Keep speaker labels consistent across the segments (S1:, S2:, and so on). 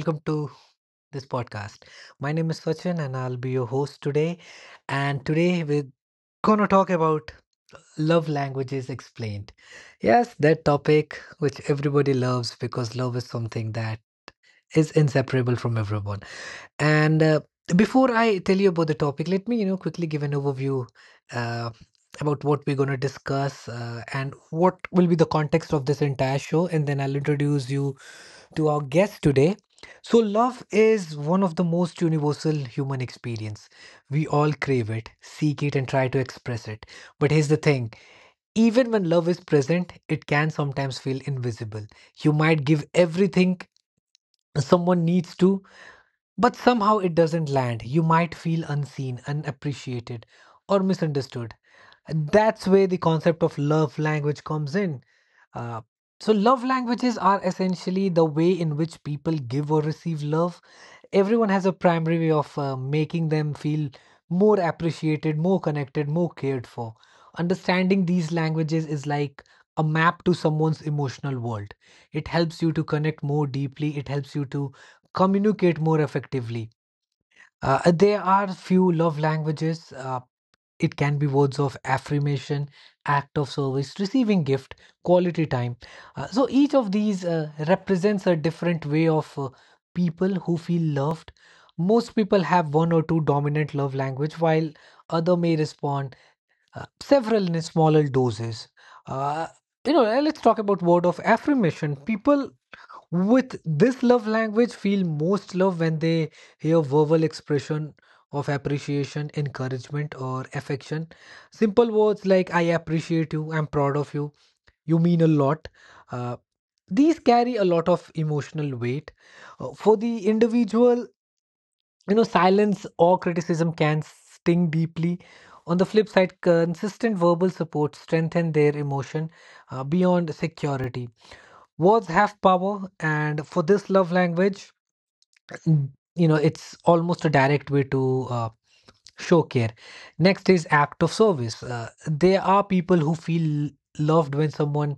S1: welcome to this podcast. My name is Sachin, and I'll be your host today. And today we're gonna talk about love languages explained. Yes, that topic which everybody loves because love is something that is inseparable from everyone. And before I tell you about the topic, let me quickly give an overview uh, about what we're going to discuss and what will be the context of this entire show. And then I'll introduce you to our guest today. So, love is one of the most universal human experience. We all crave it, seek it, and try to express it. But here's the thing, even when love is present, it can sometimes feel invisible. You might give everything someone needs to, but somehow it doesn't land. You might feel unseen, unappreciated, or misunderstood. That's where the concept of love language comes in. Uh, so, love languages are essentially the way in which people give or receive love. Everyone has a primary way of making them feel more appreciated, more connected, more cared for. Understanding these languages is like a map to someone's emotional world. It helps you to connect more deeply, it helps you to communicate more effectively. There are few love languages. It can be words of affirmation, act of service, receiving gift, quality time. So each of these represents a different way of people who feel loved. Most people have one or two dominant love language, while other may respond several in smaller doses. Uh, let's talk about word of affirmation. People with this love language feel most love when they hear verbal expression of appreciation, encouragement, or affection. Simple words like I appreciate you, I'm proud of you, you mean a lot. Uh, these carry a lot of emotional weight. For the individual, silence or criticism can sting deeply. On the flip side, consistent verbal support strengthen their emotion beyond security. Words have power, and for this love language, mm, it's almost a direct way to show care. Next is act of service. There are people who feel loved when someone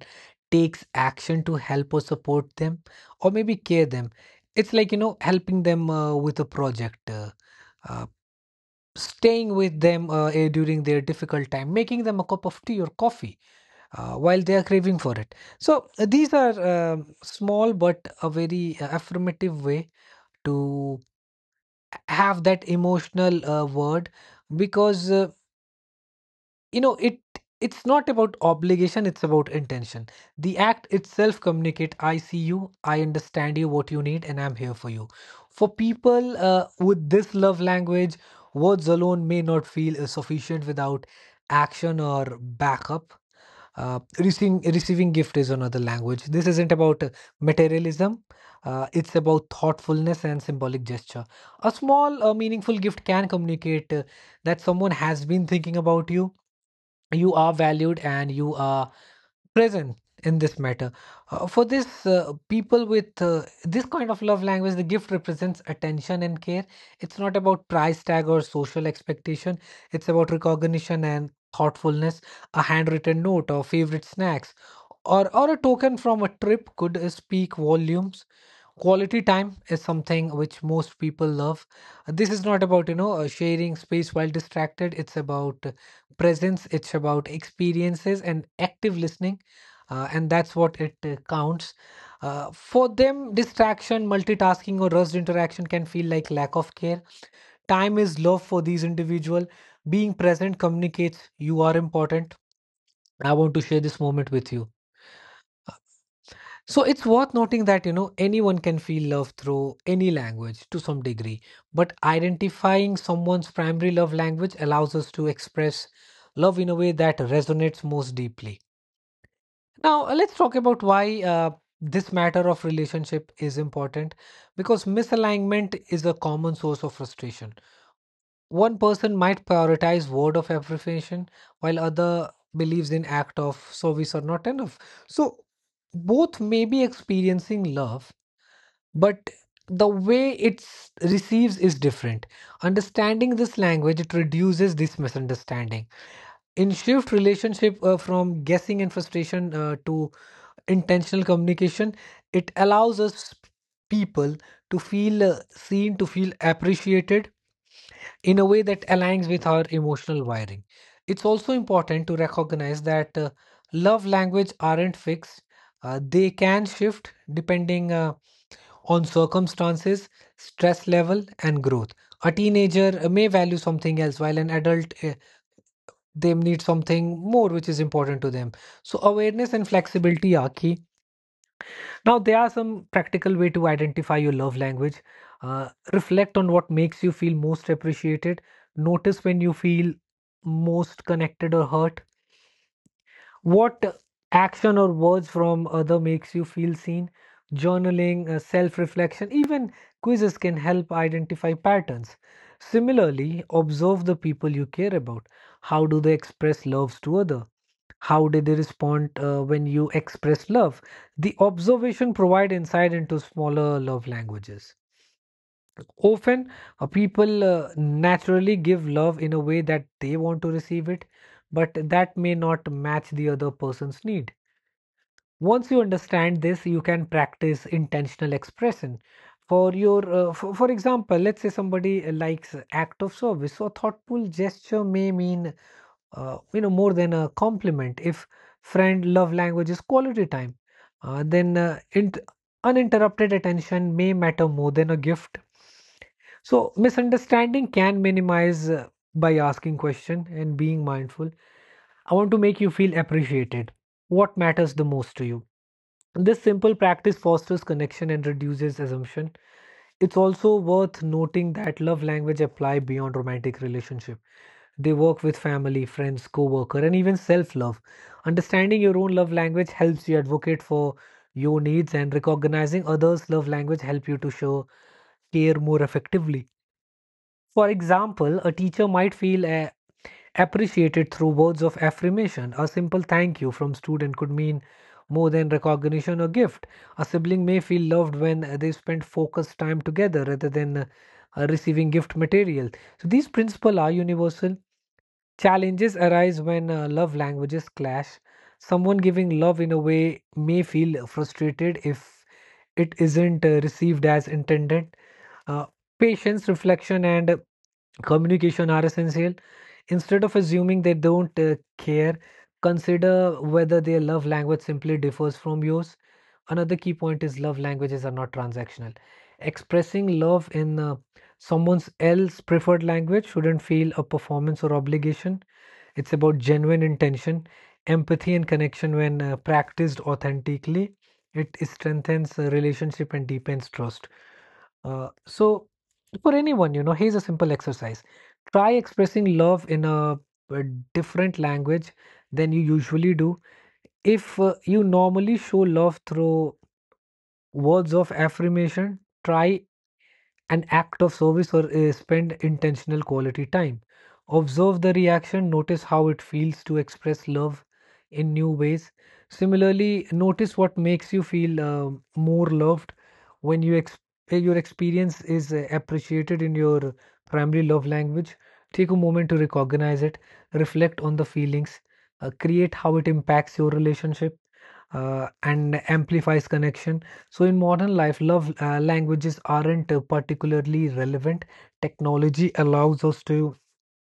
S1: takes action to help or support them or maybe care them. It's like helping them with a project, uh, staying with them during their difficult time, making them a cup of tea or coffee while they are craving for it. So, these are small but a very affirmative way to have that emotional word, because you know it it's not about obligation. It's about intention. The act itself communicate I see you, I understand you what you need, and I'm here for you. For people with this love language, words alone may not feel sufficient without action or backup. Receiving gift is another language. This isn't about materialism. It's about thoughtfulness and symbolic gesture. A small, meaningful gift can communicate that someone has been thinking about you. You are valued and you are present in this matter. For this people with this kind of love language, the gift represents attention and care. It's not about price tag or social expectation. It's about recognition and thoughtfulness. A handwritten note or favorite snacks, or a token from a trip could speak volumes. Quality time is something which most people love. This is not about sharing space while distracted. It's about presence. It's about experiences and active listening, and that's what it counts. For them, distraction, multitasking, or rushed interaction can feel like lack of care. Time is love for these individuals. Being present communicates you are important. I want to share this moment with you. So it's worth noting that anyone can feel love through any language to some degree, but identifying someone's primary love language allows us to express love in a way that resonates most deeply. Now, let's talk about why this matter of relationship is important, because misalignment is a common source of frustration. One person might prioritize word of affirmation while other believes in act of service are not enough. So both may be experiencing love, but the way it's receives is different. Understanding this language, it reduces this misunderstanding. In shift relationship from guessing and frustration to intentional communication. It allows us people to feel seen, to feel appreciated in a way that aligns with our emotional wiring. It's also important to recognize that love language aren't fixed. They can shift depending on circumstances, stress level, and growth. A teenager may value something else while an adult they need something more which is important to them. So awareness and flexibility are key. Now, there are some practical way to identify your love language. Reflect on what makes you feel most appreciated. Notice when you feel most connected or hurt. What action or words from other makes you feel seen? Journaling, self-reflection, even quizzes can help identify patterns. Similarly, observe the people you care about. How do they express loves to other? How did they respond when you express love? The observation provide insight into smaller love languages. Often, people naturally give love in a way that they want to receive it, but that may not match the other person's need. Once you understand this, you can practice intentional expression. For example, let's say somebody likes act of service, so a thoughtful gesture may mean more than a compliment. If friend love language is quality time, then uninterrupted attention may matter more than a gift. So misunderstanding can minimize by asking question and being mindful. I want to make you feel appreciated. What matters the most to you? This simple practice fosters connection and reduces assumption. It's also worth noting that love language apply beyond romantic relationship. They work with family, friends, co-worker, and even self-love. Understanding your own love language helps you advocate for your needs and recognizing others' love language help you to show care more effectively. For example, a teacher might feel appreciated through words of affirmation. A simple thank you from student could mean more than recognition or gift. A sibling may feel loved when they spend focused time together rather than receiving gift material. So these principles are universal. Challenges arise when love languages clash. Someone giving love in a way may feel frustrated if it isn't received as intended. Uh, Patience, reflection, and communication are essential. Instead of assuming they don't care, consider whether their love language simply differs from yours. Another key point is love languages are not transactional. Expressing love in someone else's preferred language shouldn't feel a performance or obligation. It's about genuine intention, empathy, and connection when practiced authentically. It strengthens relationship and deepens trust. So, for anyone, here's a simple exercise. Try expressing love in a different language than you usually do. If you normally show love through words of affirmation, try an act of service or spend intentional quality time. Observe the reaction, notice how it feels to express love in new ways. Similarly, notice what makes you feel more loved when your experience is appreciated in your primary love language. Take a moment to recognize it, reflect on the feelings, create how it impacts your relationship, and amplifies connection. So in modern life, love languages aren't particularly relevant. Technology allows us to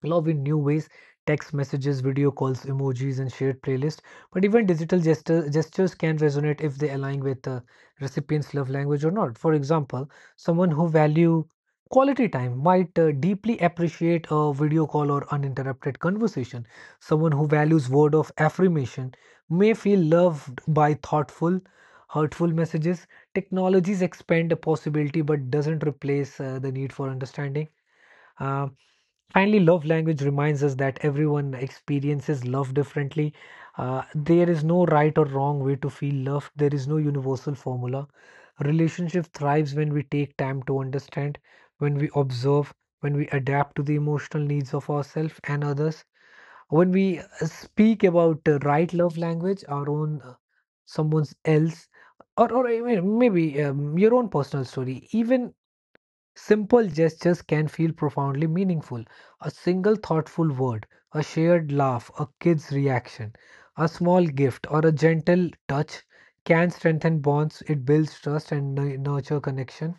S1: love in new ways: text messages, video calls, emojis, and shared playlists. But even digital gestures can resonate if they align with the recipient's love language or not. For example, someone who value quality time might deeply appreciate a video call or uninterrupted conversation. Someone who values word of affirmation may feel loved by thoughtful hurtful messages. Technologies expand the possibility but doesn't replace the need for understanding. Uh, Finally, love language reminds us that everyone experiences love differently. There is no right or wrong way to feel loved. There is no universal formula. Relationship thrives when we take time to understand, when we observe, when we adapt to the emotional needs of ourselves and others. When we speak about right love language, our own, someone else, or I maybe your own personal story, even simple gestures can feel profoundly meaningful. A single thoughtful word, a shared laugh, a kid's reaction, a small gift, or a gentle touch can strengthen bonds. It builds trust and nurture connection.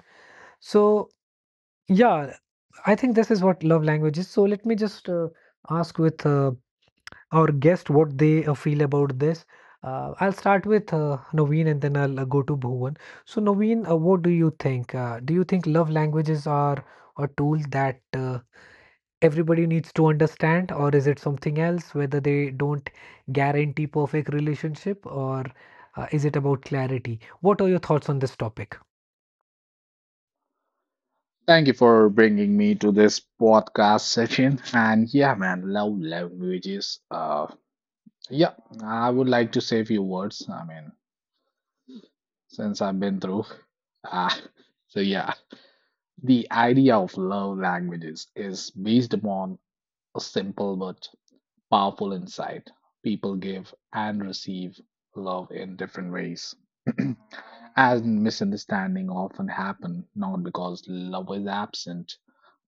S1: So, yeah, I think this is what love language is. So, let me just ask with our guest what they feel about this. I'll start with Naveen and then I'll go to Bhuvan. So, Naveen, what do you think? Do you think love languages are a tool that everybody needs to understand, or is it something else, whether they don't guarantee perfect relationship, or is it about clarity? What are your thoughts on this topic?
S2: Thank you for bringing me to this podcast session. And yeah, man, love languages. Yeah, I would like to say a few words. I mean, since I've been through. Uh, so yeah, the idea of love languages is based upon a simple but powerful insight. People give and receive love in different ways. And misunderstanding often happen not because love is absent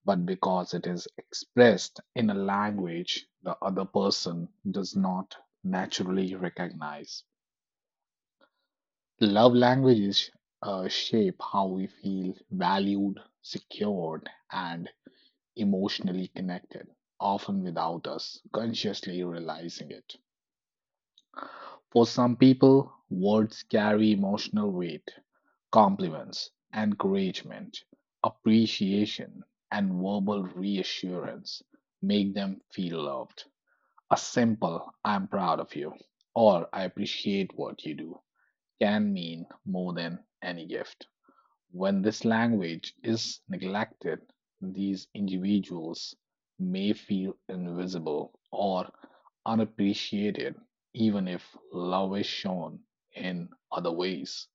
S2: but because it is expressed in a language the other person does not naturally recognize. Love languages shape how we feel valued, secured, and emotionally connected, often without us consciously realizing it. For some people, words carry emotional weight, compliments, encouragement, appreciation, and verbal reassurance make them feel loved. A simple, I'm proud of you, or I appreciate what you do, can mean more than any gift. When this language is neglected, these individuals may feel invisible or unappreciated, even if love is shown in other ways.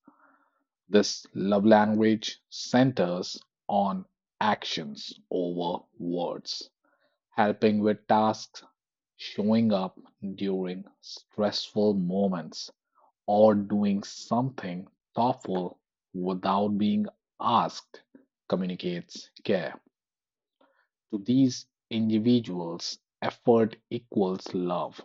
S2: This love language centers on actions over words helping with tasks, showing up during stressful moments, or doing something thoughtful without being asked communicates care. To these individuals, effort equals love.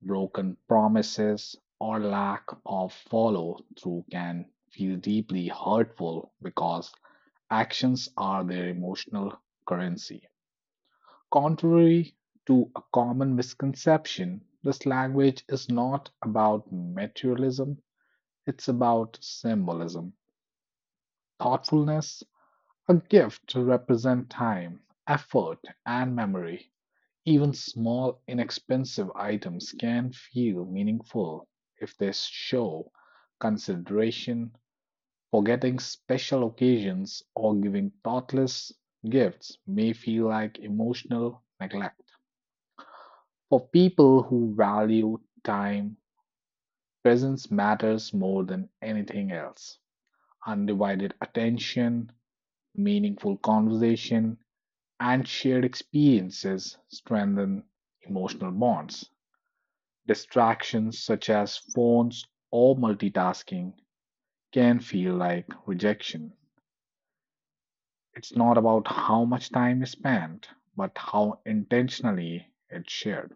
S2: Broken promises or lack of follow through can feel deeply hurtful because actions are their emotional currency. Contrary to a common misconception, this language is not about materialism, it's about symbolism, thoughtfulness, a gift to represent time, effort, and memory. Even small, inexpensive items can feel meaningful if they show consideration. Forgetting special occasions or giving thoughtless gifts may feel like emotional neglect. For people who value time, presence matters more than anything else. Undivided attention, meaningful conversation, and shared experiences strengthen emotional bonds. Distractions such as phones or multitasking can feel like rejection. It's not about how much time is spent, but how intentionally it's shared.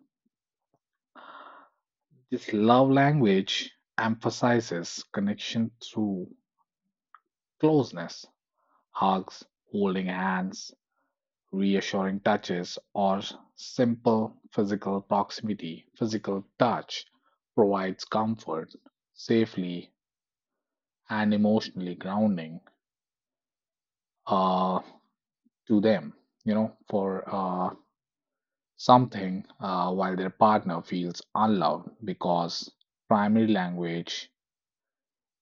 S2: This love language emphasizes connection through closeness, hugs, holding hands, reassuring touches, or simple physical proximity, physical touch, provides comfort, safely, and emotionally grounding uh, to them, you know, for something while their partner feels unloved because primary language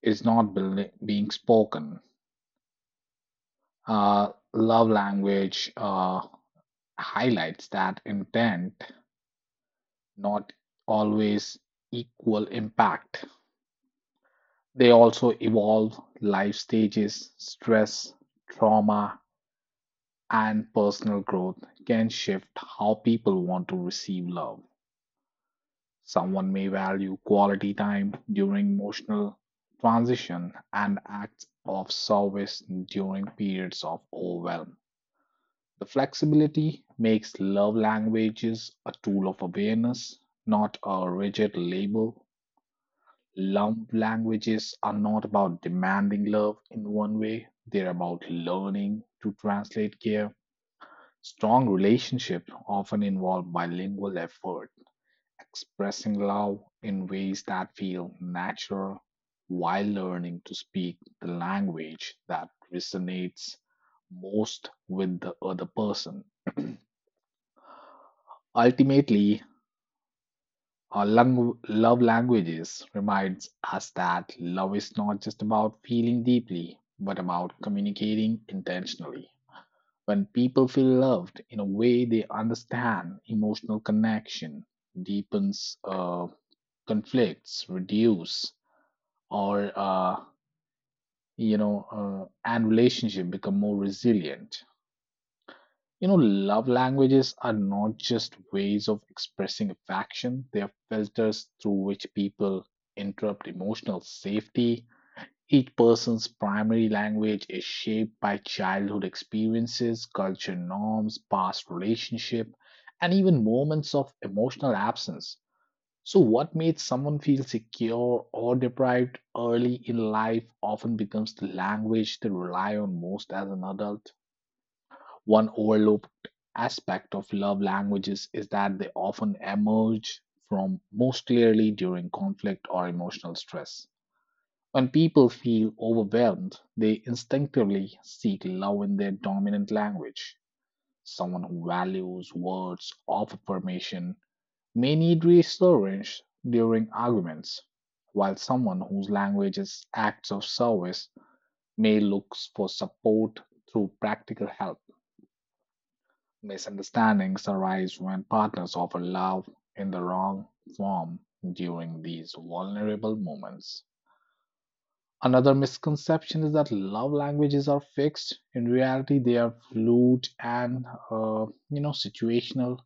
S2: is not being spoken. Uh, love language highlights that intent not always equal impact. They also evolve life stages, stress, trauma, and personal growth can shift how people want to receive love. Someone may value quality time during emotional transition and acts of service during periods of overwhelm. The flexibility makes love languages a tool of awareness, not a rigid label. Love languages are not about demanding love in one way, they're about learning to translate care. Strong relationships often involve bilingual effort, expressing love in ways that feel natural while learning to speak the language that resonates most with the other person. Ultimately, our love languages reminds us that love is not just about feeling deeply, but about communicating intentionally. When people feel loved in a way they understand, emotional connection deepens, conflicts reduce, or uh, you know, and relationship become more resilient. Love languages are not just ways of expressing affection, they are filters through which people interrupt emotional safety. Each person's primary language is shaped by childhood experiences, culture norms, past relationship, and even moments of emotional absence. So, what made someone feel secure or deprived early in life often becomes the language they rely on most as an adult. One overlooked aspect of love languages is that they often emerge from most clearly during conflict or emotional stress. When people feel overwhelmed, they instinctively seek love in their dominant language. Someone who values words of affirmation may need reassurance during arguments, while someone whose language is acts of service may look for support through practical help. Misunderstandings arise when partners offer love in the wrong form during these vulnerable moments. Another misconception is that love languages are fixed. In reality, they are fluid and situational.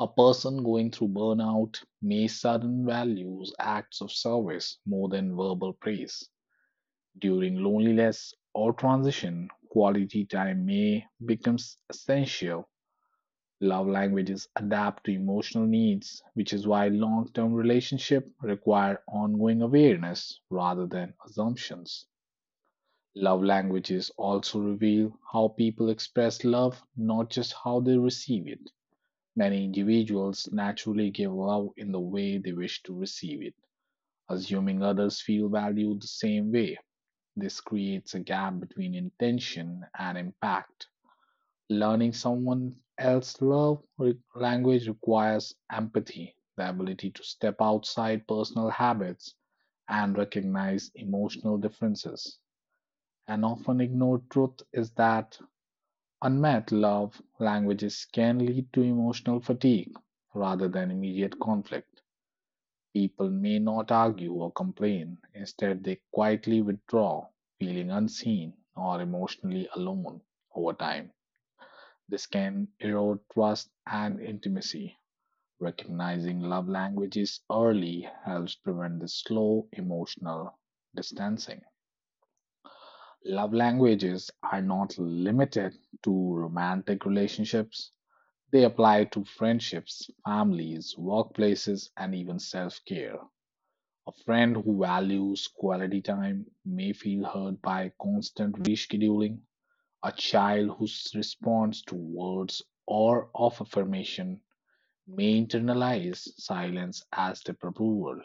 S2: A person going through burnout may suddenly value acts of service more than verbal praise. During loneliness or transition, quality time may become essential. Love languages adapt to emotional needs, which is why long term relationships require ongoing awareness rather than assumptions. Love languages also reveal how people express love, not just how they receive it. Many individuals naturally give love in the way they wish to receive it, assuming others feel valued the same way. This creates a gap between intention and impact. Learning someone else's love language requires empathy, the ability to step outside personal habits and recognize emotional differences. An often ignored truth is that unmet love languages can lead to emotional fatigue rather than immediate conflict. People may not argue or complain, instead, they quietly withdraw, feeling unseen or emotionally alone over time. This can erode trust and intimacy. Recognizing love languages early helps prevent the slow emotional distancing. Love languages are not limited to romantic relationships, they apply to friendships, families, workplaces, and even self care. A friend who values quality time may feel hurt by constant rescheduling. A child who responds to words or of affirmation may internalize silence as disapproval.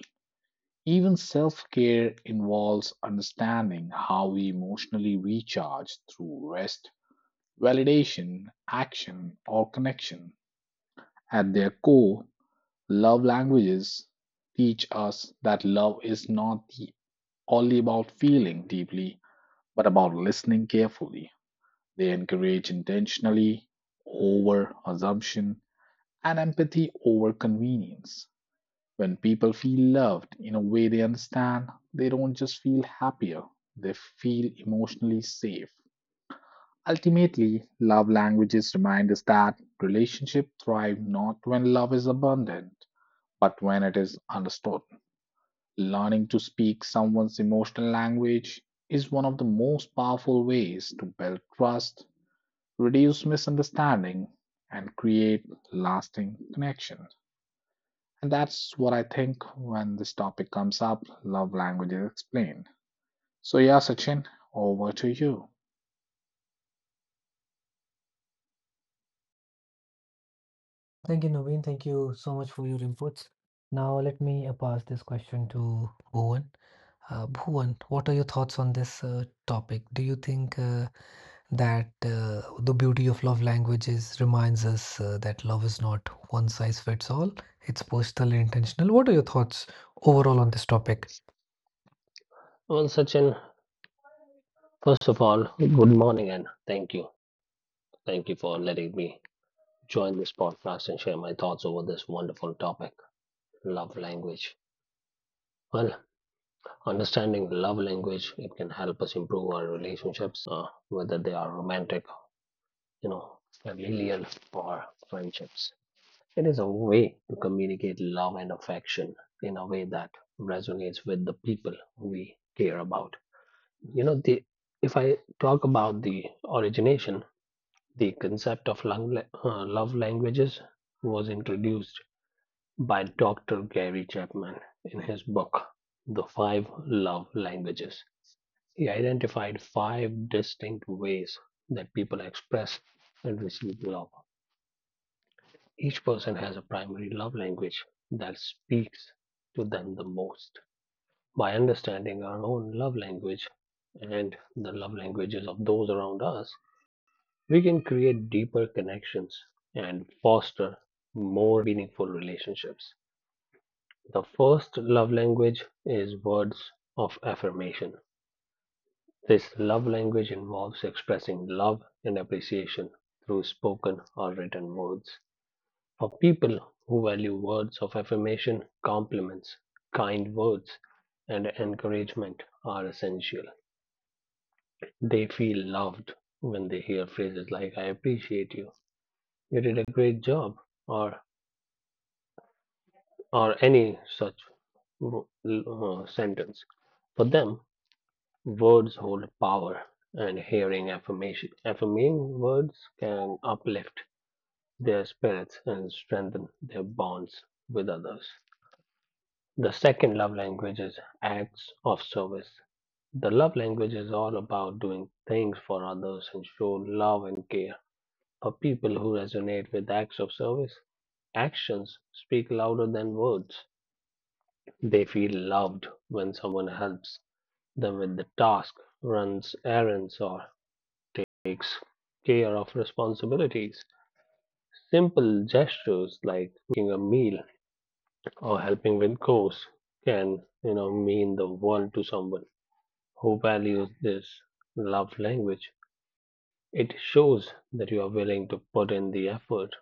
S2: Even self care involves understanding how we emotionally recharge through rest, validation, action, or connection. At their core, love languages teach us that love is not only about feeling deeply, but about listening carefully. They encourage intentionally over assumption and empathy over convenience. When people feel loved in a way they understand, they don't just feel happier, they feel emotionally safe. Ultimately, love languages remind us that relationships thrive not when love is abundant, but when it is understood. Learning to speak someone's emotional language is one of the most powerful ways to build trust, reduce misunderstanding, and create lasting connection. And that's what I think when this topic comes up love languages explained. So, yeah, Sachin, over to you.
S1: Thank you, Naveen. Thank you so much for your inputs. Now let me pass this question to Bhuvan. Bhuvan, what are your thoughts on this topic? Do you think that the beauty of love languages reminds us that love is not one size fits all? It's personal and intentional. What are your thoughts overall on this topic?
S3: Well, Sachin, first of all, good morning and thank you. Thank you for letting me join this podcast and share my thoughts over this wonderful topic, love language. Well, understanding love language, it can help us improve our relationships, whether they are romantic, familial, or friendships. It is a way to communicate love and affection in a way that resonates with the people we care about. The if I talk about the origination, the concept of lung love languages was introduced by Dr. Gary Chapman in his book, The Five Love Languages. He identified five distinct ways that people express and receive love. Each person has a primary love language that speaks to them the most. By understanding our own love language and the love languages of those around us, we can create deeper connections and foster more meaningful relationships. The first love language is words of affirmation. This love language involves expressing love and appreciation through spoken or written words. For people who value words of affirmation, compliments, kind words, and encouragement are essential. They feel loved when they hear phrases like, I appreciate you, you did a great job, or or any such sentence. For them, words hold power, and hearing affirming words can uplift their spirits and strengthen their bonds with others. The second love language is acts of service. The love language is all about doing things for others and show love and care. For people who resonate with acts of service, actions speak louder than words. They feel loved when someone helps them with the task, runs errands, or takes care of responsibilities. Simple gestures like making a meal or helping with chores can, mean the world to someone who values this love language. It shows that you are willing to put in the effort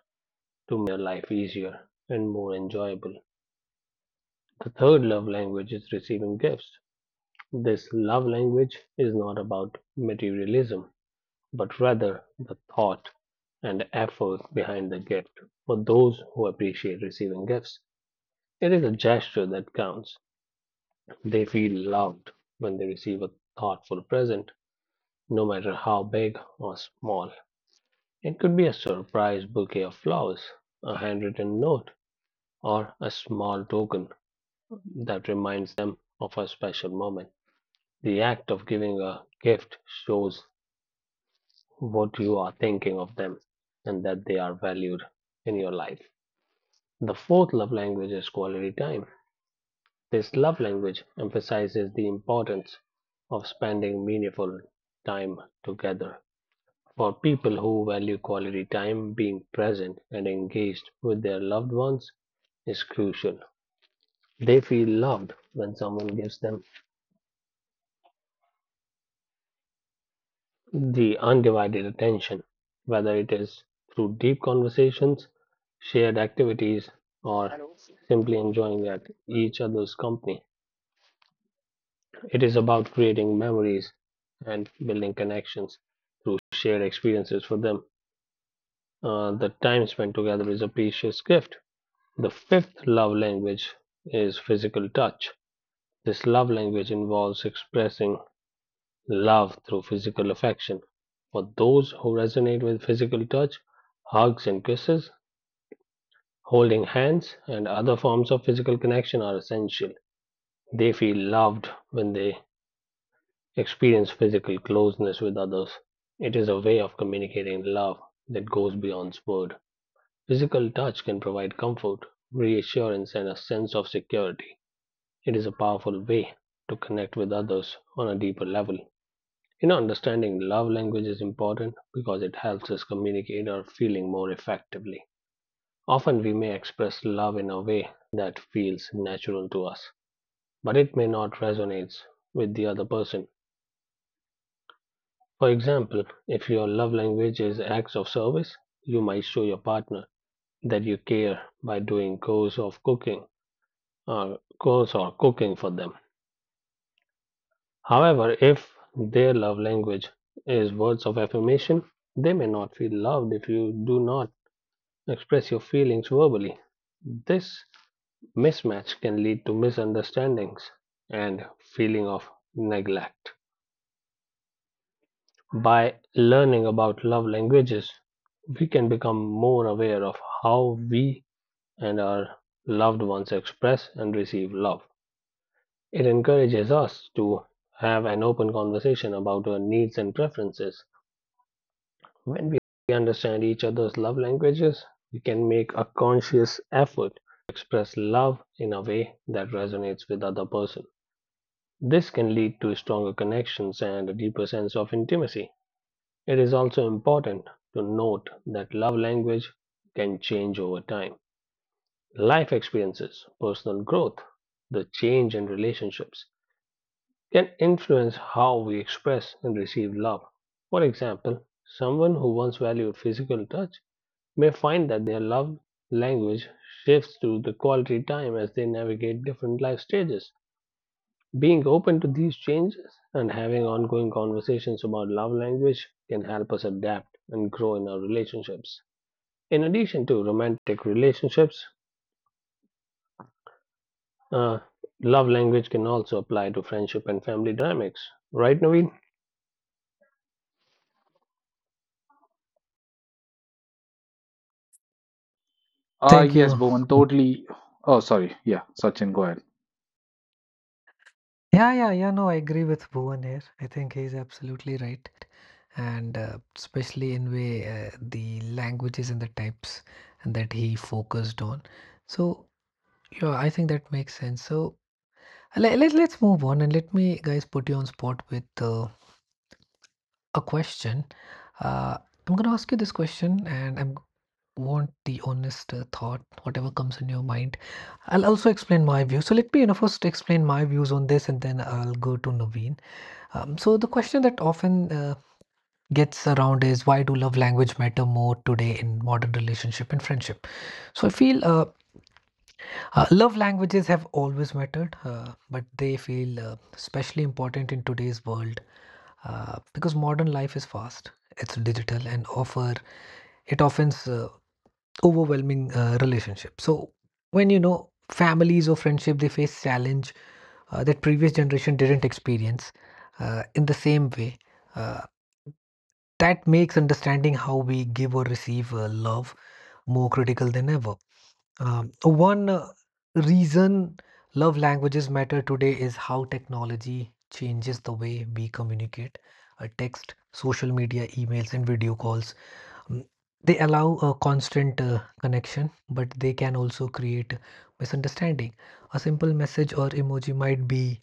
S3: to their life easier and more enjoyable. The third love language is receiving gifts. This love language is not about materialism, but rather the thought and effort behind the gift. For those who appreciate receiving gifts, it is a gesture that counts. They feel loved when they receive a thoughtful present, no matter how big or small. It could be a surprise bouquet of flowers, a handwritten note, or a small token that reminds them of a special moment. The act of giving a gift shows what you are thinking of them and that they are valued in your life. The fourth love language is quality time. This love language emphasizes the importance of spending meaningful time together. For people who value quality time, being present and engaged with their loved ones is crucial. They feel loved when someone gives them the undivided attention, whether it is through deep conversations, shared activities, or Hello. Simply enjoying at each other's company. It is about creating memories and building connections through shared experiences for them. The time spent together is a precious gift. The fifth love language is physical touch. This love language involves expressing love through physical affection. For those who resonate with physical touch, hugs and kisses, holding hands, and other forms of physical connection are essential. They feel loved when they experience physical closeness with others. It is a way of communicating love that goes beyond word. Physical touch can provide comfort, reassurance, and a sense of security. It is a powerful way to connect with others on a deeper level. Understanding love language is important because it helps us communicate our feeling more effectively. Often we may express love in a way that feels natural to us, but it may not resonate with the other person. For example, if your love language is acts of service, you might show your partner that you care by doing chores or cooking for them. However, if their love language is words of affirmation, they may not feel loved if you do not express your feelings verbally. This mismatch can lead to misunderstandings and feeling of neglect. By learning about love languages, we can become more aware of how we and our loved ones express and receive love. It encourages us to have an open conversation about our needs and preferences. When we understand each other's love languages, we can make a conscious effort express love in a way that resonates with the other person. This can lead to stronger connections and a deeper sense of intimacy. It is also important to note that love language can change over time. Life experiences, personal growth, the change in relationships can influence how we express and receive love. For example, someone who once valued physical touch may find that their love language shifts to the quality time as they navigate different life stages. Being open to these changes and having ongoing conversations about love language can help us adapt and grow in our relationships. In addition to romantic relationships, uh, love language can also apply to friendship and family dynamics. Right, Naveen?
S1: Thank
S2: Yes,
S1: you.
S2: Bhuvan, totally. Oh, sorry. Yeah, Sachin, go ahead.
S1: Yeah, yeah, yeah. No, I agree with Bhuvan here. I think he's absolutely right, and especially in way the languages and the types that he focused on. So yeah, I think that makes sense. So let's move on and let me guys put you on spot with a question. Uh, I'm gonna ask you this question, and I'm want the honest thought, whatever comes in your mind. I'll also explain my view. So let me, you know, first explain my views on this, and then I'll go to Naveen. So the question that often gets around is why do love language matter more today in modern relationship and friendship? So I feel love languages have always mattered, but they feel especially important in today's world because modern life is fast, it's digital, and offer it often overwhelming relationship. So when you know families or friendship, they face challenge that previous generation didn't experience in the same way. Uh, That makes understanding how we give or receive love more critical than ever. One reason love languages matter today is how technology changes the way we communicate. Text, social media, emails, and video calls. mm, They allow a constant connection, but they can also create misunderstanding. A simple message or emoji might be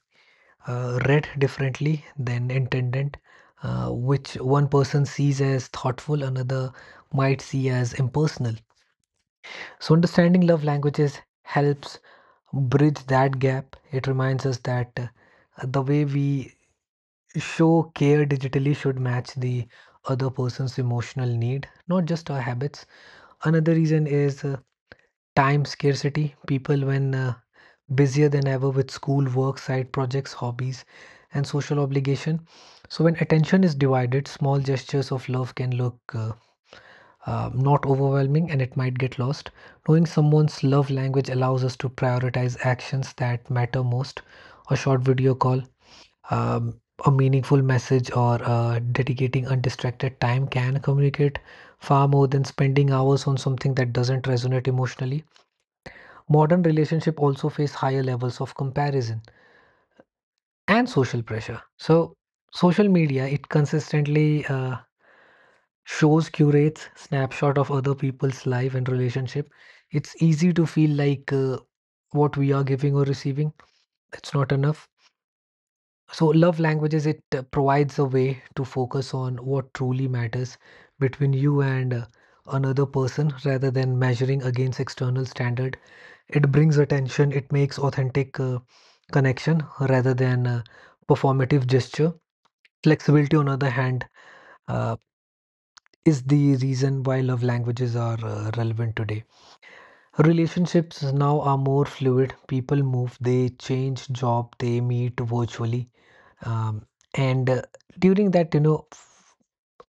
S1: read differently than intended, which one person sees as thoughtful, another might see as impersonal. So, understanding love languages helps bridge that gap. It reminds us that the way we show care digitally should match the other person's emotional need, not just our habits. Another reason is time scarcity. People when busier than ever with school, work, side projects, hobbies, and social obligation. So, when attention is divided, small gestures of love can look not overwhelming and it might get lost. Knowing someone's love language allows us to prioritize actions that matter most: a short video call, um, a meaningful message, or dedicating undistracted time can communicate far more than spending hours on something that doesn't resonate emotionally. Modern relationship also face higher levels of comparison and social pressure. So social media, it consistently shows curates snapshot of other people's life and relationship. It's easy to feel like what we are giving or receiving, it's not enough. So love languages, it provides a way to focus on what truly matters between you and another person rather than measuring against external standard. It brings attention, it makes authentic connection rather than performative gesture. Flexibility, on other hand, uh, is the reason why love languages are relevant today. Relationships now are more fluid. People move, they change job, they meet virtually. Um, and during that, you know,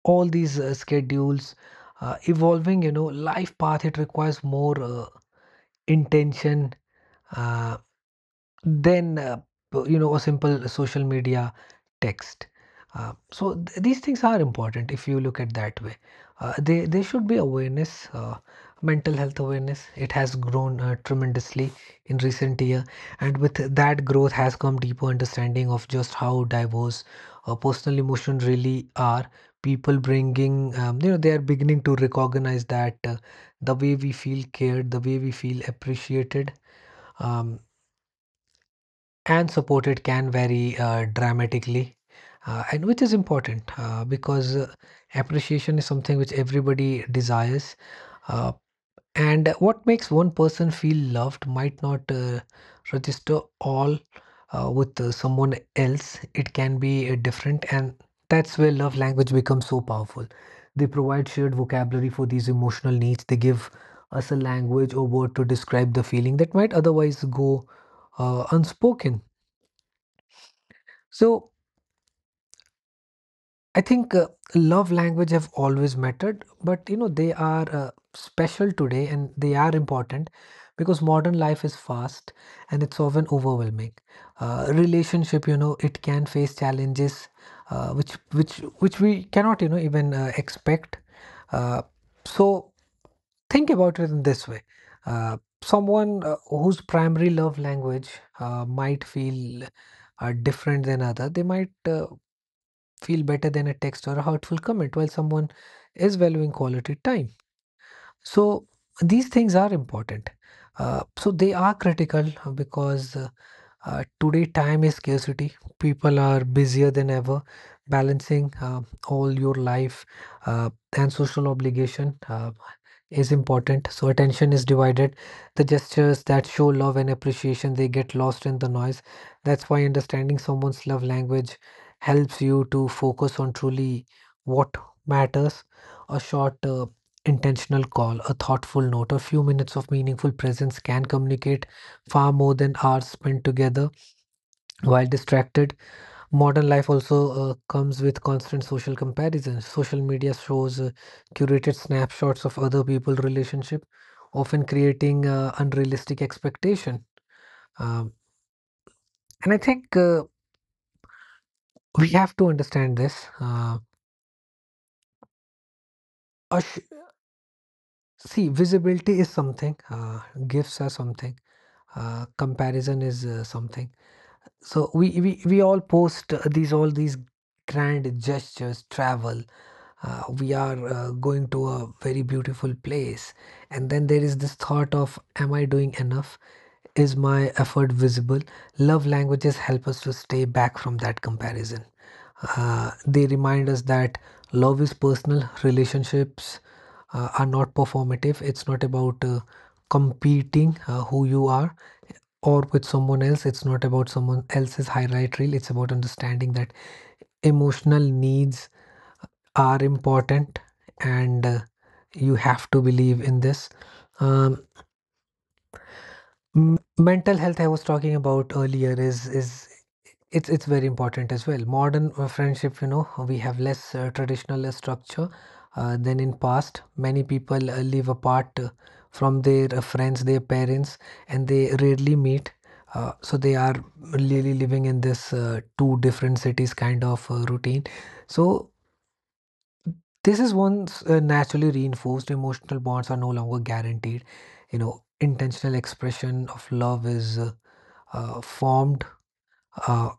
S1: all these schedules evolving, you know, life path, it requires more intention. uh, Then, you know, a simple social media text. So these things are important if you look at that way. They there should be awareness, mental health awareness. It has grown tremendously in recent year, and with that growth has come deeper understanding of just how diverse personal emotion really are. People bringing, you know, they are beginning to recognize that the way we feel cared, the way we feel appreciated um, and support it can vary dramatically and which is important because appreciation is something which everybody desires, uh, and what makes one person feel loved might not register all with someone else. It can be different, and that's where love language becomes so powerful. They provide shared vocabulary for these emotional needs. They give us a language or word to describe the feeling that might otherwise go unspoken. So I think love language have always mattered, but you know they are special today and they are important because modern life is fast and it's often overwhelming. Relationship, you know, it can face challenges uh, which which which we cannot you know even expect. Uh, so think about it in this way. Someone whose primary love language might feel different than other, they might feel better than a text or a hurtful comment while someone is valuing quality time. So these things are important. So they are critical because today, time is scarcity. People are busier than ever, balancing all your life uh, and social obligation. Is important. So attention is divided, the gestures that show love and appreciation, they get lost in the noise. That's why understanding someone's love language helps you to focus on truly what matters: a short intentional call, a thoughtful note, a few minutes of meaningful presence can communicate far more than hours spent together while distracted. Modern life also comes with constant social comparison. Social media shows curated snapshots of other people's relationship, often creating unrealistic expectation. Um, and I think we have to understand this. Us- see, visibility is something, gifts are something, comparison is something. So we all post these all these grand gestures, travel. We are going to a very beautiful place, and then there is this thought of, am I doing enough? Is my effort visible? Love languages help us to stay back from that comparison. They remind us that love is personal, relationships are not performative. It's not about competing who you are or with someone else. It's not about someone else's highlight reel. It's about understanding that emotional needs are important and you have to believe in this. Um, mental health I was talking about earlier is it's very important as well. Modern friendship, you know, we have less traditional structure than in past. Many people live apart from their friends, their parents, and they rarely meet. So they are really living in this two different cities kind of routine. So this is once naturally reinforced. Emotional bonds are no longer guaranteed. You know, intentional expression of love is formed uh,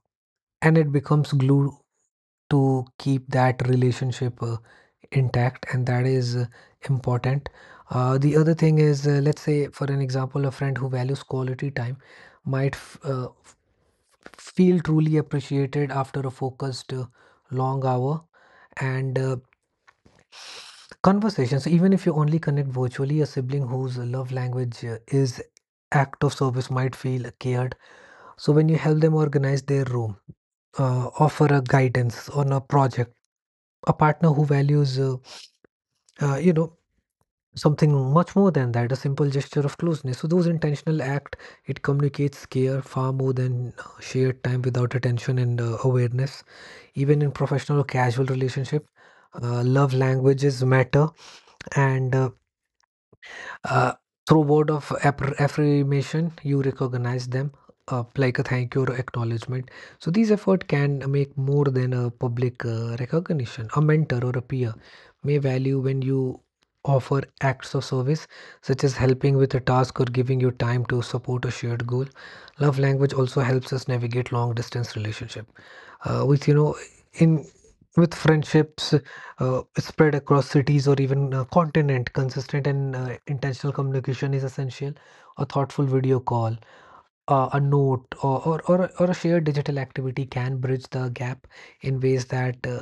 S1: and it becomes glue to keep that relationship intact, and that is important. The other thing is, let's say for an example, a friend who values quality time might feel truly appreciated after a focused long hour and conversations, even if you only connect virtually. A sibling whose love language is act of service might feel cared. So when you help them organize their room, offer a guidance on a project, a partner who values, you know, something much more than that, a simple gesture of closeness. So those intentional act, it communicates care far more than shared time without attention and awareness. Even in professional or casual relationship, love languages matter, and uh, through word of affirmation you recognize them like a thank you or acknowledgement. So these effort can make more than a public recognition. A mentor or a peer may value when you offer acts of service such as helping with a task or giving you time to support a shared goal. Love language also helps us navigate long distance relationship, which you know in with friendships spread across cities or even continent, consistent and intentional communication is essential. A thoughtful video call, a note, or a shared digital activity can bridge the gap in ways that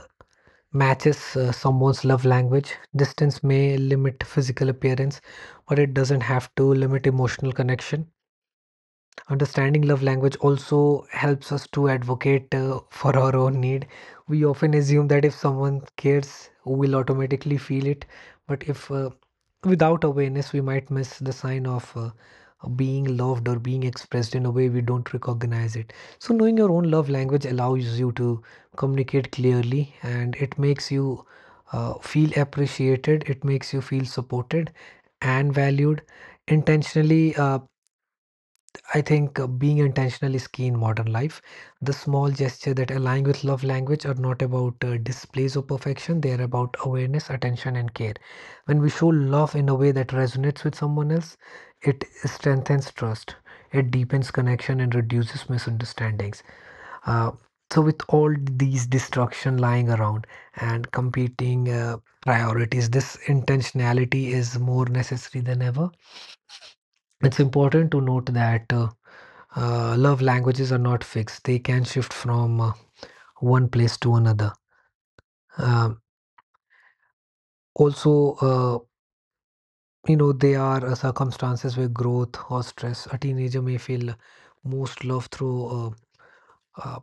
S1: matches someone's love language. Distance may limit physical appearance, but it doesn't have to limit emotional connection. Understanding love language also helps us to advocate for our own need. We often assume that if someone cares, we'll automatically feel it, but if without awareness, we might miss the sign of being loved or being expressed in a way we don't recognize it. So, knowing your own love language allows you to communicate clearly and it makes you feel appreciated, it makes you feel supported and valued. Intentionally, I think being intentional is key in modern life. The small gesture that align with love language are not about displays of perfection, they are about awareness, attention, and care. When we show love in a way that resonates with someone else, it strengthens trust, it deepens connection, and reduces misunderstandings. Uh, so, with all these distraction lying around and competing priorities, this intentionality is more necessary than ever. It's important to note that. Love languages are not fixed, they can shift from one place to another. Um, also, there are circumstances where growth or stress, a teenager may feel most love through, uh,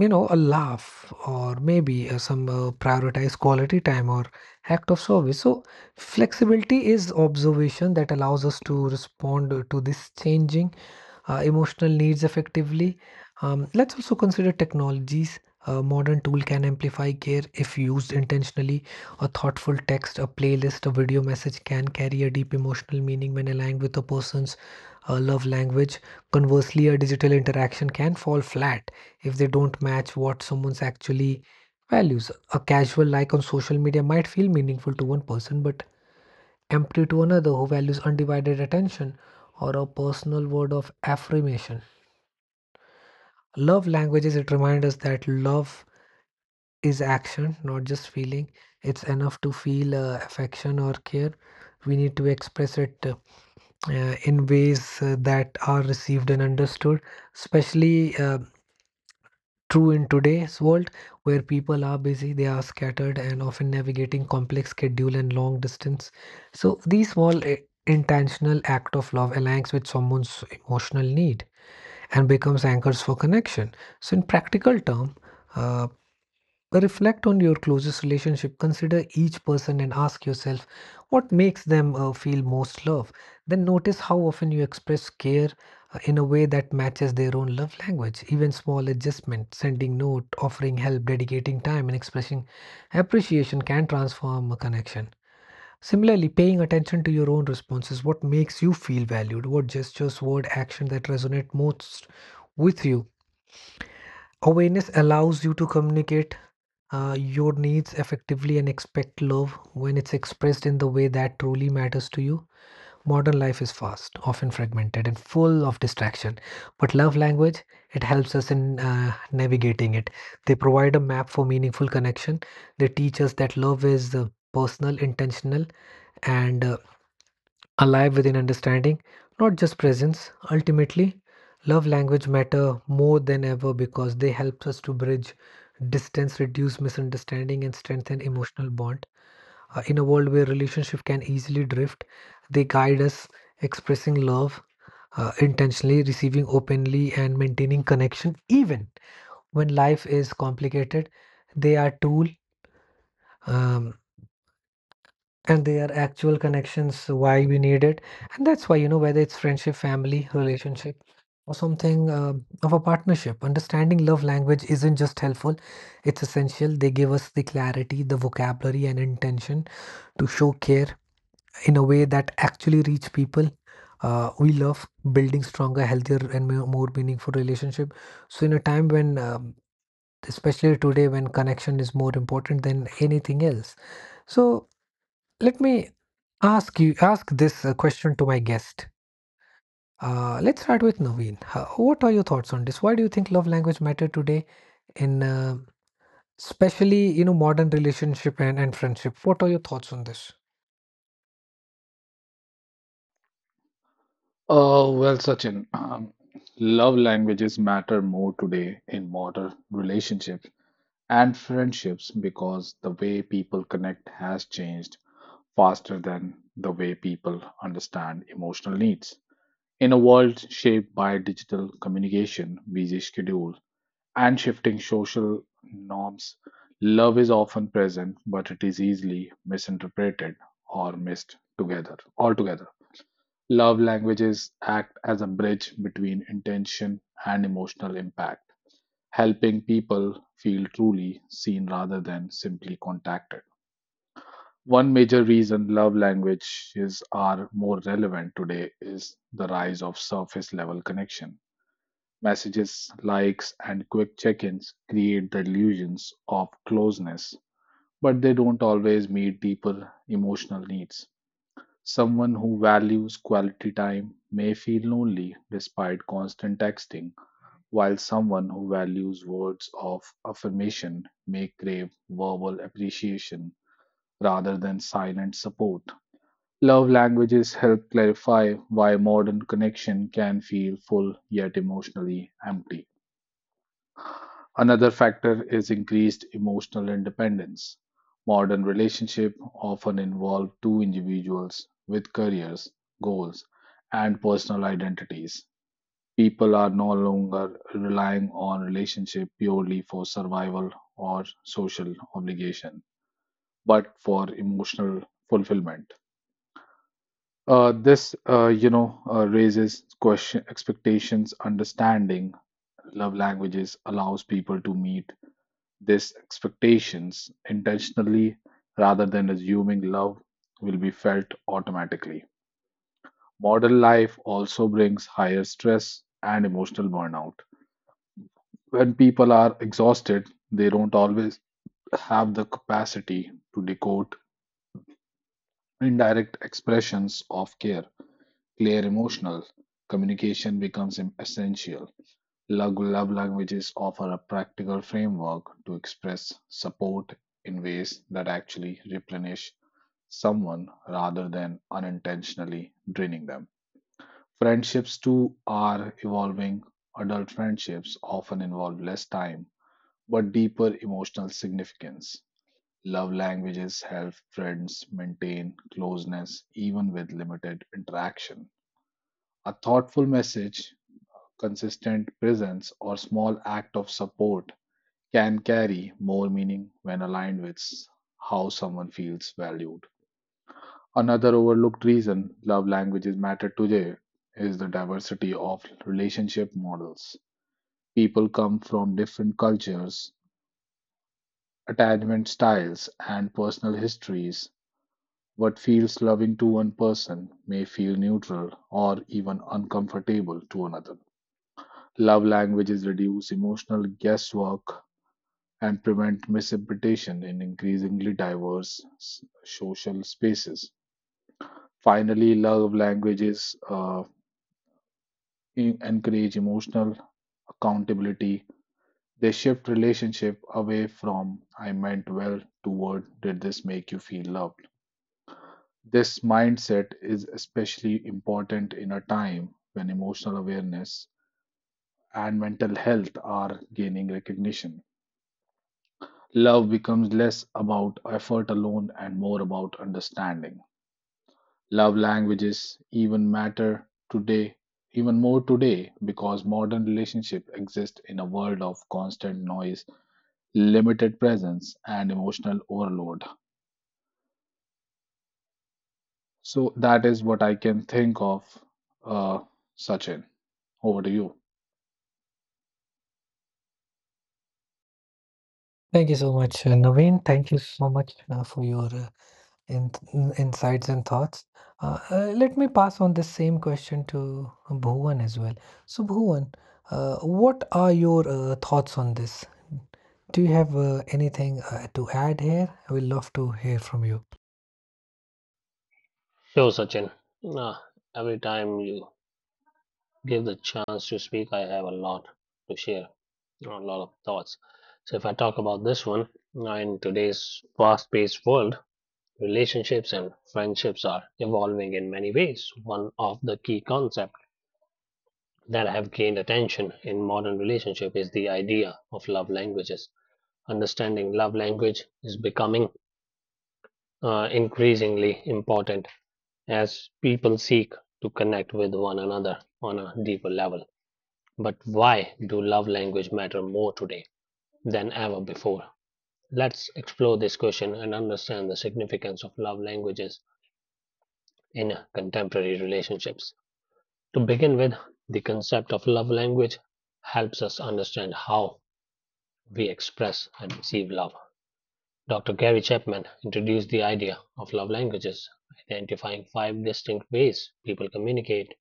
S1: a laugh or maybe some prioritized quality time or act of service. So, flexibility is observation that allows us to respond to this changing emotional needs effectively. Let's also consider technologies. A modern tool can amplify care if used intentionally. A thoughtful text, a playlist, a video message can carry a deep emotional meaning when aligned with a person's love language. Conversely, a digital interaction can fall flat if they don't match what someone's actually values. A casual like on social media might feel meaningful to one person, but empty to another who values undivided attention, or a personal word of affirmation. Love languages, it reminds us that love is action, not just feeling. It's enough to feel affection or care. We need to express it in ways that are received and understood, especially true in today's world, where people are busy, they are scattered and often navigating complex schedule and long distance. So these small intentional act of love aligns with someone's emotional need and becomes anchors for connection. So in practical term, uh, reflect on your closest relationship. Consider each person and ask yourself what makes them feel most love. Then notice how often you express care in a way that matches their own love language. Even small adjustments, sending note, offering help, dedicating time, and expressing appreciation can transform a connection. Similarly, paying attention to your own responses, what makes you feel valued, what gestures, word, action that resonate most with you. Awareness allows you to communicate your needs effectively and expect love when it's expressed in the way that truly matters to you. Modern life is fast, often fragmented, and full of distraction. But love language, it helps us in navigating it. They provide a map for meaningful connection. They teach us that love is personal, intentional, and alive within understanding, not just presence. Ultimately, love language matter more than ever because they help us to bridge distance, reduce misunderstanding, and strengthen emotional bond. In a world where relationship can easily drift, they guide us expressing love intentionally, receiving openly, and maintaining connection even when life is complicated. They are tool, um, and their actual connections why we need it. And that's why, you know, whether it's friendship, family relationship, or something of a partnership, understanding love language isn't just helpful, it's essential. They give us the clarity, the vocabulary and intention to show care in a way that actually reach people we love, building stronger, healthier and more meaningful relationship. So in a time when especially today, when connection is more important than anything else, so let me ask you ask this question to my guest. Let's start with Naveen. What are your thoughts on this? Why do you think love language matter today in especially, you know, modern relationship and, friendship? What are your thoughts on this?
S2: Oh, well, Sachin, love languages matter more today in modern relationships and friendships because the way people connect has changed faster than the way people understand emotional needs. In a world shaped by digital communication, busy schedule, and shifting social norms, love is often present, but it is easily misinterpreted or missed together altogether. Love languages act as a bridge between intention and emotional impact, helping people feel truly seen rather than simply contacted. One major reason love languages are more relevant today is the rise of surface level connection. Messages, likes, and quick check ins create the illusions of closeness, but they don't always meet deeper emotional needs. Someone who values quality time may feel lonely despite constant texting, while someone who values words of affirmation may crave verbal appreciation rather than silent support. Love languages help clarify why modern connection can feel full yet emotionally empty. Another factor is increased emotional independence. Modern relationships often involve two individuals with careers, goals, and personal identities. People are no longer relying on relationship purely for survival or social obligation, but for emotional fulfillment. This raises question, expectations, understanding. Love languages allows people to meet these expectations intentionally rather than assuming love will be felt automatically. Modern life also brings higher stress and emotional burnout. When people are exhausted, they don't always have the capacity to decode indirect expressions of care. Clear emotional communication becomes essential. Love languages offer a practical framework to express support in ways that actually replenish someone rather than unintentionally draining them. Friendships too are evolving. Adult friendships often involve less time but deeper emotional significance. Love languages help friends maintain closeness even with limited interaction. A thoughtful message, consistent presence, or small act of support can carry more meaning when aligned with how someone feels valued. Another overlooked reason love languages matter today is the diversity of relationship models. People come from different cultures, attachment styles, and personal histories. What feels loving to one person may feel neutral or even uncomfortable to another. Love languages reduce emotional guesswork and prevent misinterpretation in increasingly diverse social spaces. Finally, love languages encourage emotional accountability. They shift relationship away from I meant well toward did this make you feel loved. This mindset is especially important in a time when emotional awareness and mental health are gaining recognition. Love becomes less about effort alone and more about understanding. Love languages even matter today even more today because modern relationships exist in a world of constant noise, limited presence, and emotional overload. So that is what I can think of, uh, Sachin. Over to you.
S1: Thank you so much, Naveen. Thank you so much for your in, insights and thoughts. Let me pass on this same question to Bhuvan as well. So, Bhuvan, what are your thoughts on this? Do you have anything to add here? I would love to hear from you.
S3: Yo, Sachin, Ah, every time you give the chance to speak, I have a lot to share, a lot of thoughts. So, if I talk about this one, now in today's fast paced world, relationships and friendships are evolving in many ways. One of the key concepts that have gained attention in modern relationship is the idea of love languages. Understanding love language is becoming increasingly important as people seek to connect with one another on a deeper level. But why do love language matter more today than ever before? Let's explore this question and understand the significance of love languages in contemporary relationships. To begin with, the concept of love language helps us understand how we express and receive love. Dr. Gary Chapman introduced the idea of love languages, identifying five distinct ways people communicate: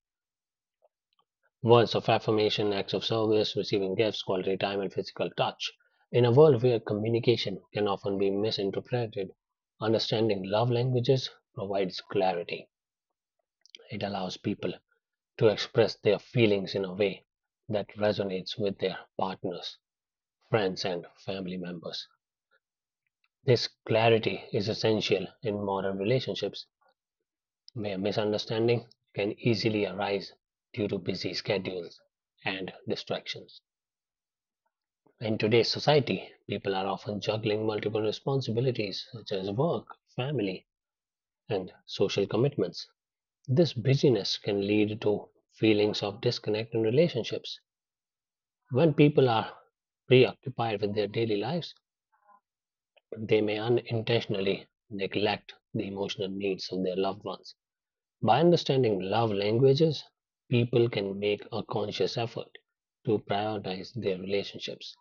S3: words of affirmation, acts of service, receiving gifts, quality time, and physical touch. In a world where communication can often be misinterpreted, understanding love languages provides clarity. It allows people to express their feelings in a way that resonates with their partners, friends, and family members. This clarity is essential in modern relationships where misunderstanding can easily arise due to busy schedules and distractions. In today's society, people are often juggling multiple responsibilities such as work, family, and social commitments. This busyness can lead to feelings of disconnect in relationships. When people are preoccupied with their daily lives, they may unintentionally neglect the emotional needs of their loved ones. By understanding love languages, people can make a conscious effort to prioritize their relationships.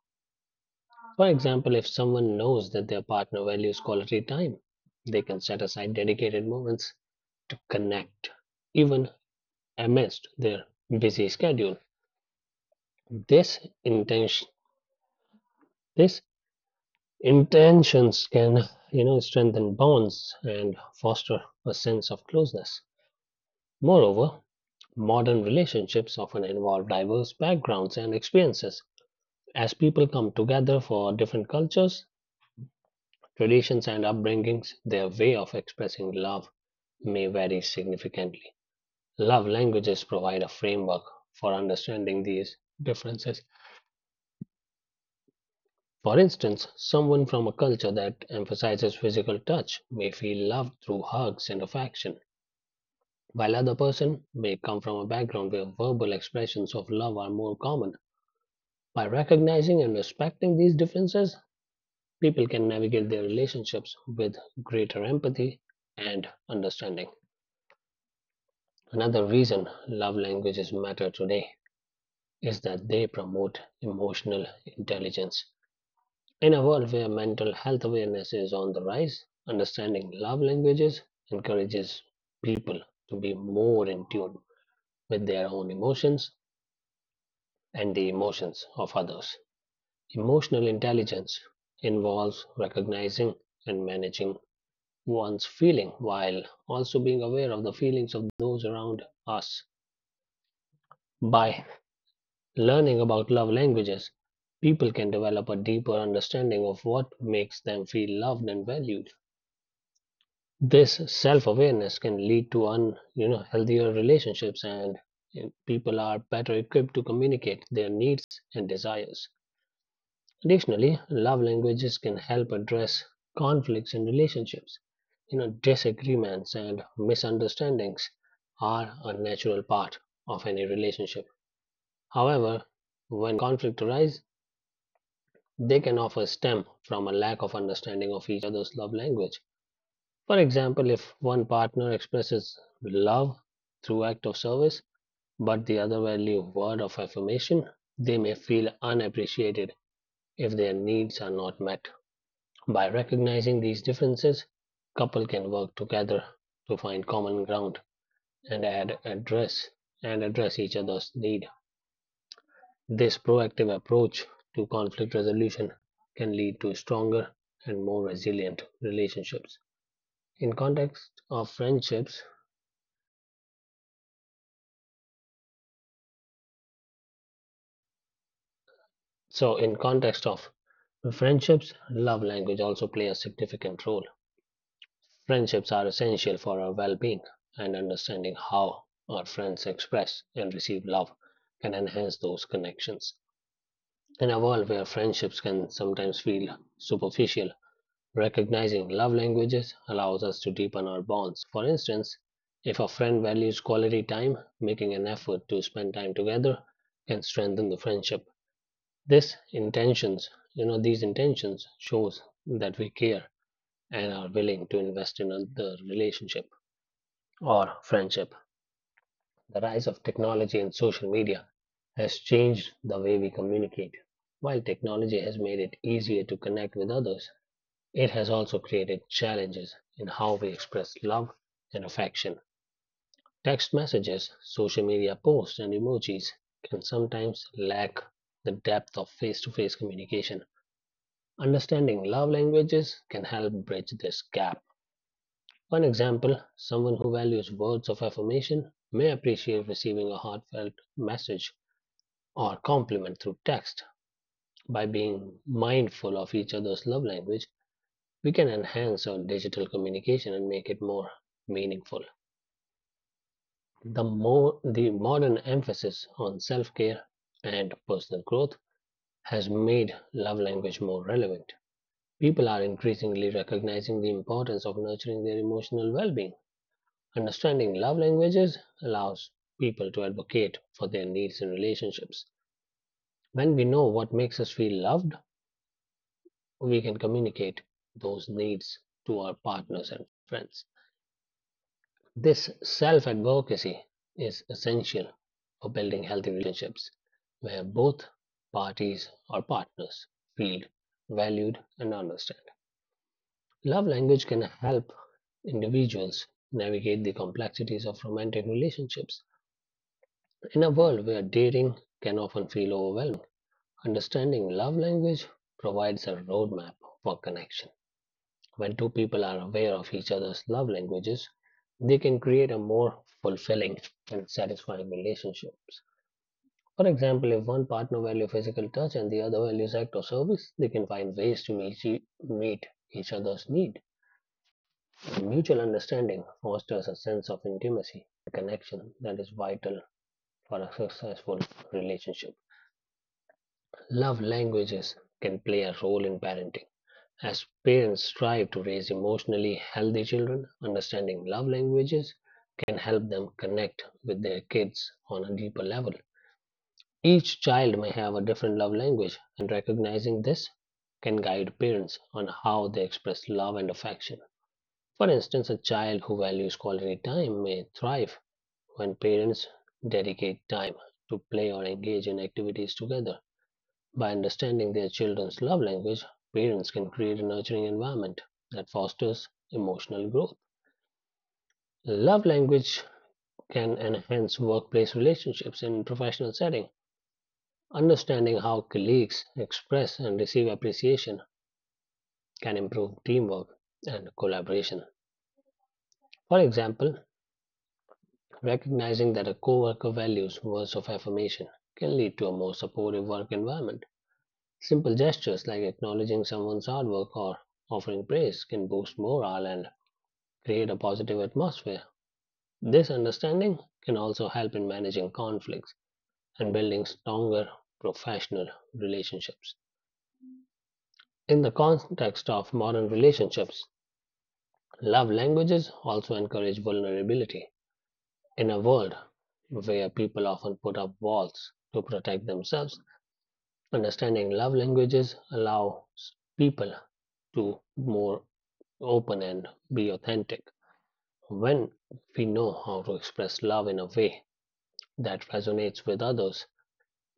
S3: For example, if someone knows that their partner values quality time, they can set aside dedicated moments to connect, even amidst their busy schedule. This intention, this intentions can, strengthen bonds and foster a sense of closeness. Moreover, modern relationships often involve diverse backgrounds and experiences. As people come together for different cultures, traditions and upbringings, their way of expressing love, may vary significantly. Love languages provide a framework for understanding these differences. For instance, someone from a culture that emphasizes physical touch may feel loved through hugs and affection, while other person may come from a background where verbal expressions of love are more common. By recognizing and respecting these differences, people can navigate their relationships with greater empathy and understanding. Another reason love languages matter today is that they promote emotional intelligence. In a world where mental health awareness is on the rise, understanding love languages encourages people to be more in tune with their own emotions and the emotions of others. Emotional intelligence involves recognizing and managing one's feeling while also being aware of the feelings of those around us. By learning about love languages, people can develop a deeper understanding of what makes them feel loved and valued. This self awareness can lead to healthier relationships, and people are better equipped to communicate their needs and desires. Additionally, love languages can help address conflicts in relationships. Disagreements and misunderstandings are a natural part of any relationship. However, when conflict arises, they can often stem from a lack of understanding of each other's love language. For example, if one partner expresses love through act of service, but the other value word of affirmation, they may feel unappreciated if their needs are not met. By recognizing these differences, couple can work together to find common ground and address each other's need. This proactive approach to conflict resolution can lead to stronger and more resilient relationships. In context of friendships, in context of friendships, love language also play a significant role. Friendships are essential for our well-being, and understanding how our friends express and receive love can enhance those connections. In a world where friendships can sometimes feel superficial, recognizing love languages allows us to deepen our bonds. For instance, if a friend values quality time, making an effort to spend time together can strengthen the friendship. This intentions, you know, these intentions shows that we care and are willing to invest in the relationship or friendship. The rise of technology and social media has changed the way we communicate. While technology has made it easier to connect with others, it has also created challenges in how we express love and affection. Text messages, social media posts, and emojis can sometimes lack the depth of face to face communication. Understanding love languages can help bridge this gap. One example: someone who values words of affirmation may appreciate receiving a heartfelt message or compliment through text. By being mindful of each other's love language, we can enhance our digital communication and make it more meaningful. The modern emphasis on self-care and personal growth has made love language more relevant. People are increasingly recognizing the importance of nurturing their emotional well-being. Understanding love languages allows people to advocate for their needs in relationships. When we know what makes us feel loved, we can communicate those needs to our partners and friends. This self-advocacy is essential for building healthy relationships where both parties or partners feel valued and understood. Love language can help individuals navigate the complexities of romantic relationships. In a world where dating can often feel overwhelming, understanding love language provides a roadmap for connection. When two people are aware of each other's love languages, they can create a more fulfilling and satisfying relationships. For example, if one partner values physical touch and the other values act of service, they can find ways to meet, meet each other's need. Mutual understanding fosters a sense of intimacy connection that is vital for a successful relationship. Love languages can play a role in parenting. As parents strive to raise emotionally healthy children, understanding love languages can help them connect with their kids on a deeper level. Each child may have a different love language, and recognizing this can guide parents on how they express love and affection. For instance, a child who values quality time may thrive when parents dedicate time to play or engage in activities together. By understanding their children's love language, parents can create a nurturing environment that fosters emotional growth. Love language can enhance workplace relationships in professional setting. Understanding how colleagues express and receive appreciation can improve teamwork and collaboration. For example, recognizing that a coworker values words of affirmation can lead to a more supportive work environment. Simple gestures like acknowledging someone's hard work or offering praise can boost morale and create a positive atmosphere. This understanding can also help in managing conflicts and building stronger professional relationships. In the context of modern relationships, love languages also encourage vulnerability. In a world where people often put up walls to protect themselves, understanding love languages allows people to be more open and be authentic. When we know how to express love in a way that resonates with others,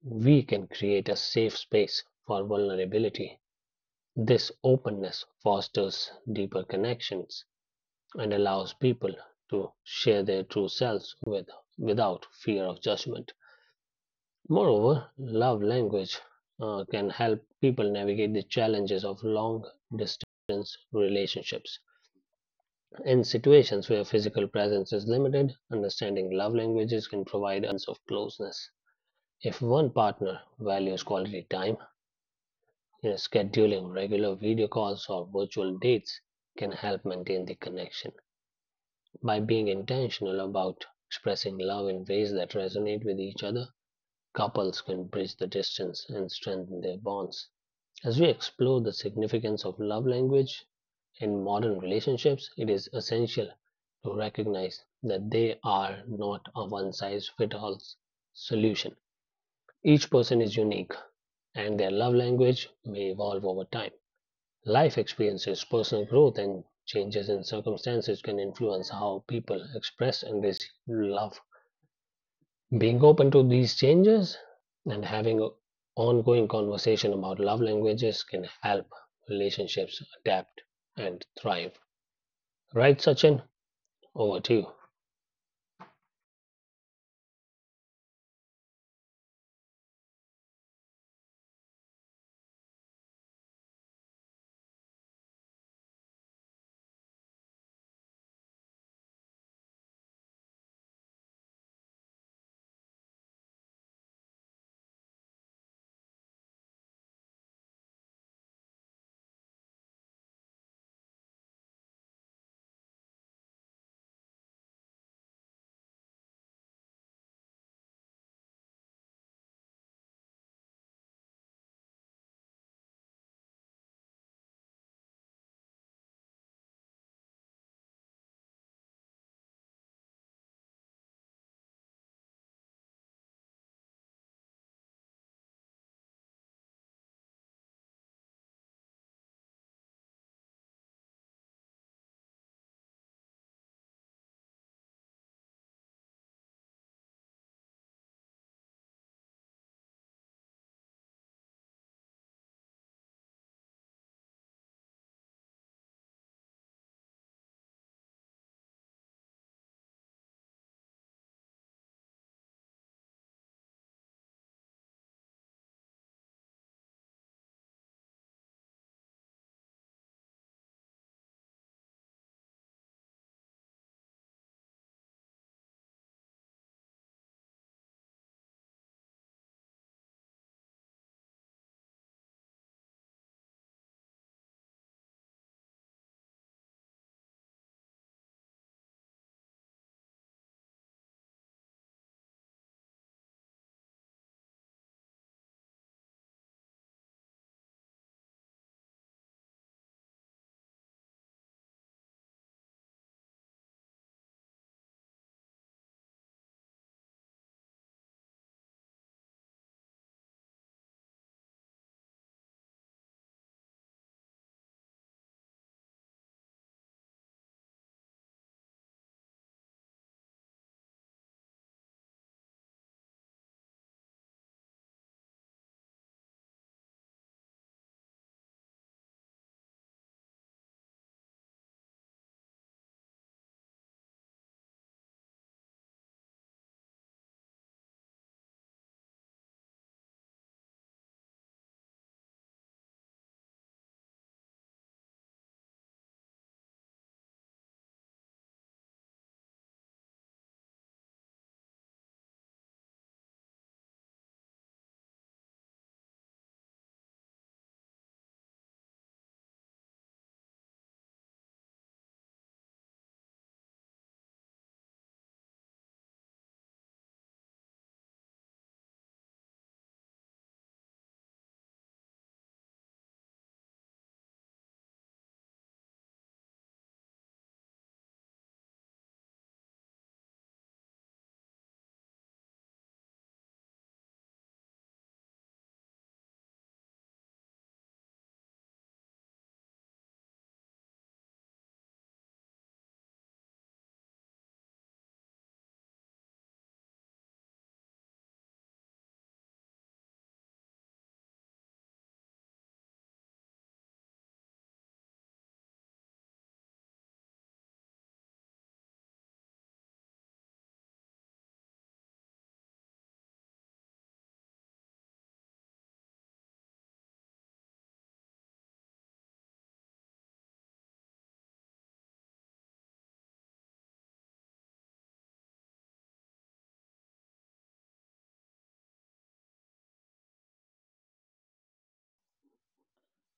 S3: we can create a safe space for vulnerability. This openness fosters deeper connections and allows people to share their true selves without fear of judgment. Moreover, love language can help people navigate the challenges of long distance relationships. In situations where physical presence is limited, understanding love languages can provide a of closeness. If one partner values quality time, scheduling regular video calls or virtual dates can help maintain the connection. By being intentional about expressing love in ways that resonate with each other, couples can bridge the distance and strengthen their bonds. As we explore the significance of love language in modern relationships, it is essential to recognize that they are not a one size fits all solution. Each person is unique, and their love language may evolve over time. Life experiences, personal growth, and changes in circumstances can influence how people express and receive love. Being open to these changes and having an ongoing conversation about love languages can help relationships adapt and thrive. Right, Sachin? Over to you.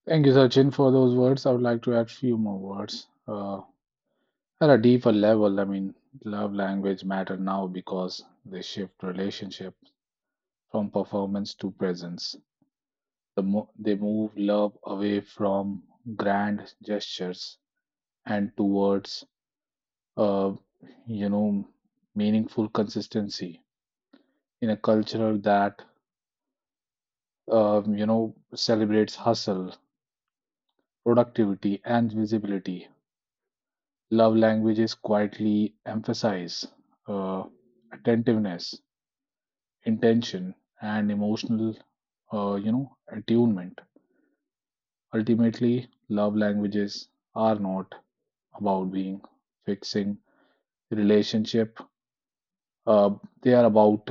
S2: Thank you, Sachin, for those words. I would like to add few more words. At a deeper level, I mean, love language matter now because they shift relationship from performance to presence. They move love away from grand gestures and towards, uh, you know, meaningful consistency in a culture that celebrates hustle, productivity, and visibility. Love languages quietly emphasize uh, attentiveness, intention, and emotional attunement. Ultimately, love languages are not about being fixing the relationship. Uh, they are about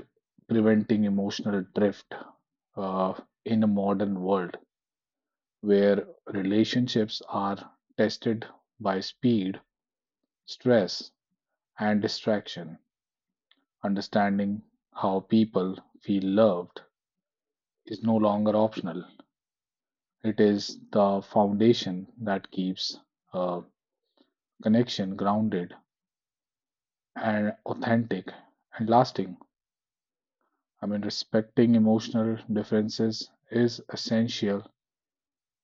S2: preventing emotional drift uh, in a modern world where relationships are tested by speed, stress, and distraction. Understanding how people feel loved is no longer optional. It is the foundation that keeps a connection grounded and authentic and lasting. I mean, respecting emotional differences is essential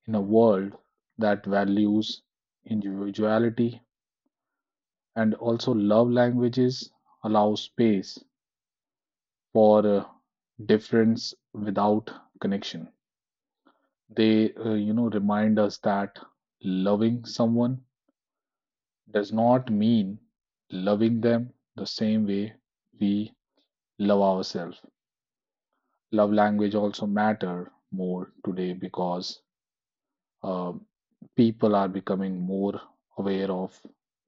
S2: in a world that values individuality and also love languages allow space for difference without connection. They remind us that loving someone does not mean loving them the same way we love ourselves love language also matter more today because uh, people are becoming more aware of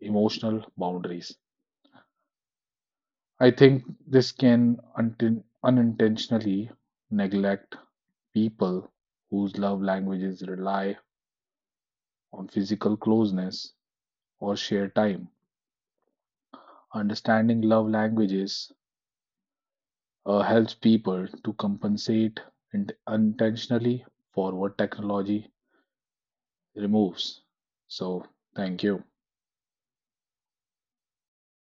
S2: emotional boundaries I think this can unintentionally neglect people whose love languages rely on physical closeness or shared time. Understanding love languages helps people to compensate unintentionally for what technology removes. So, thank you.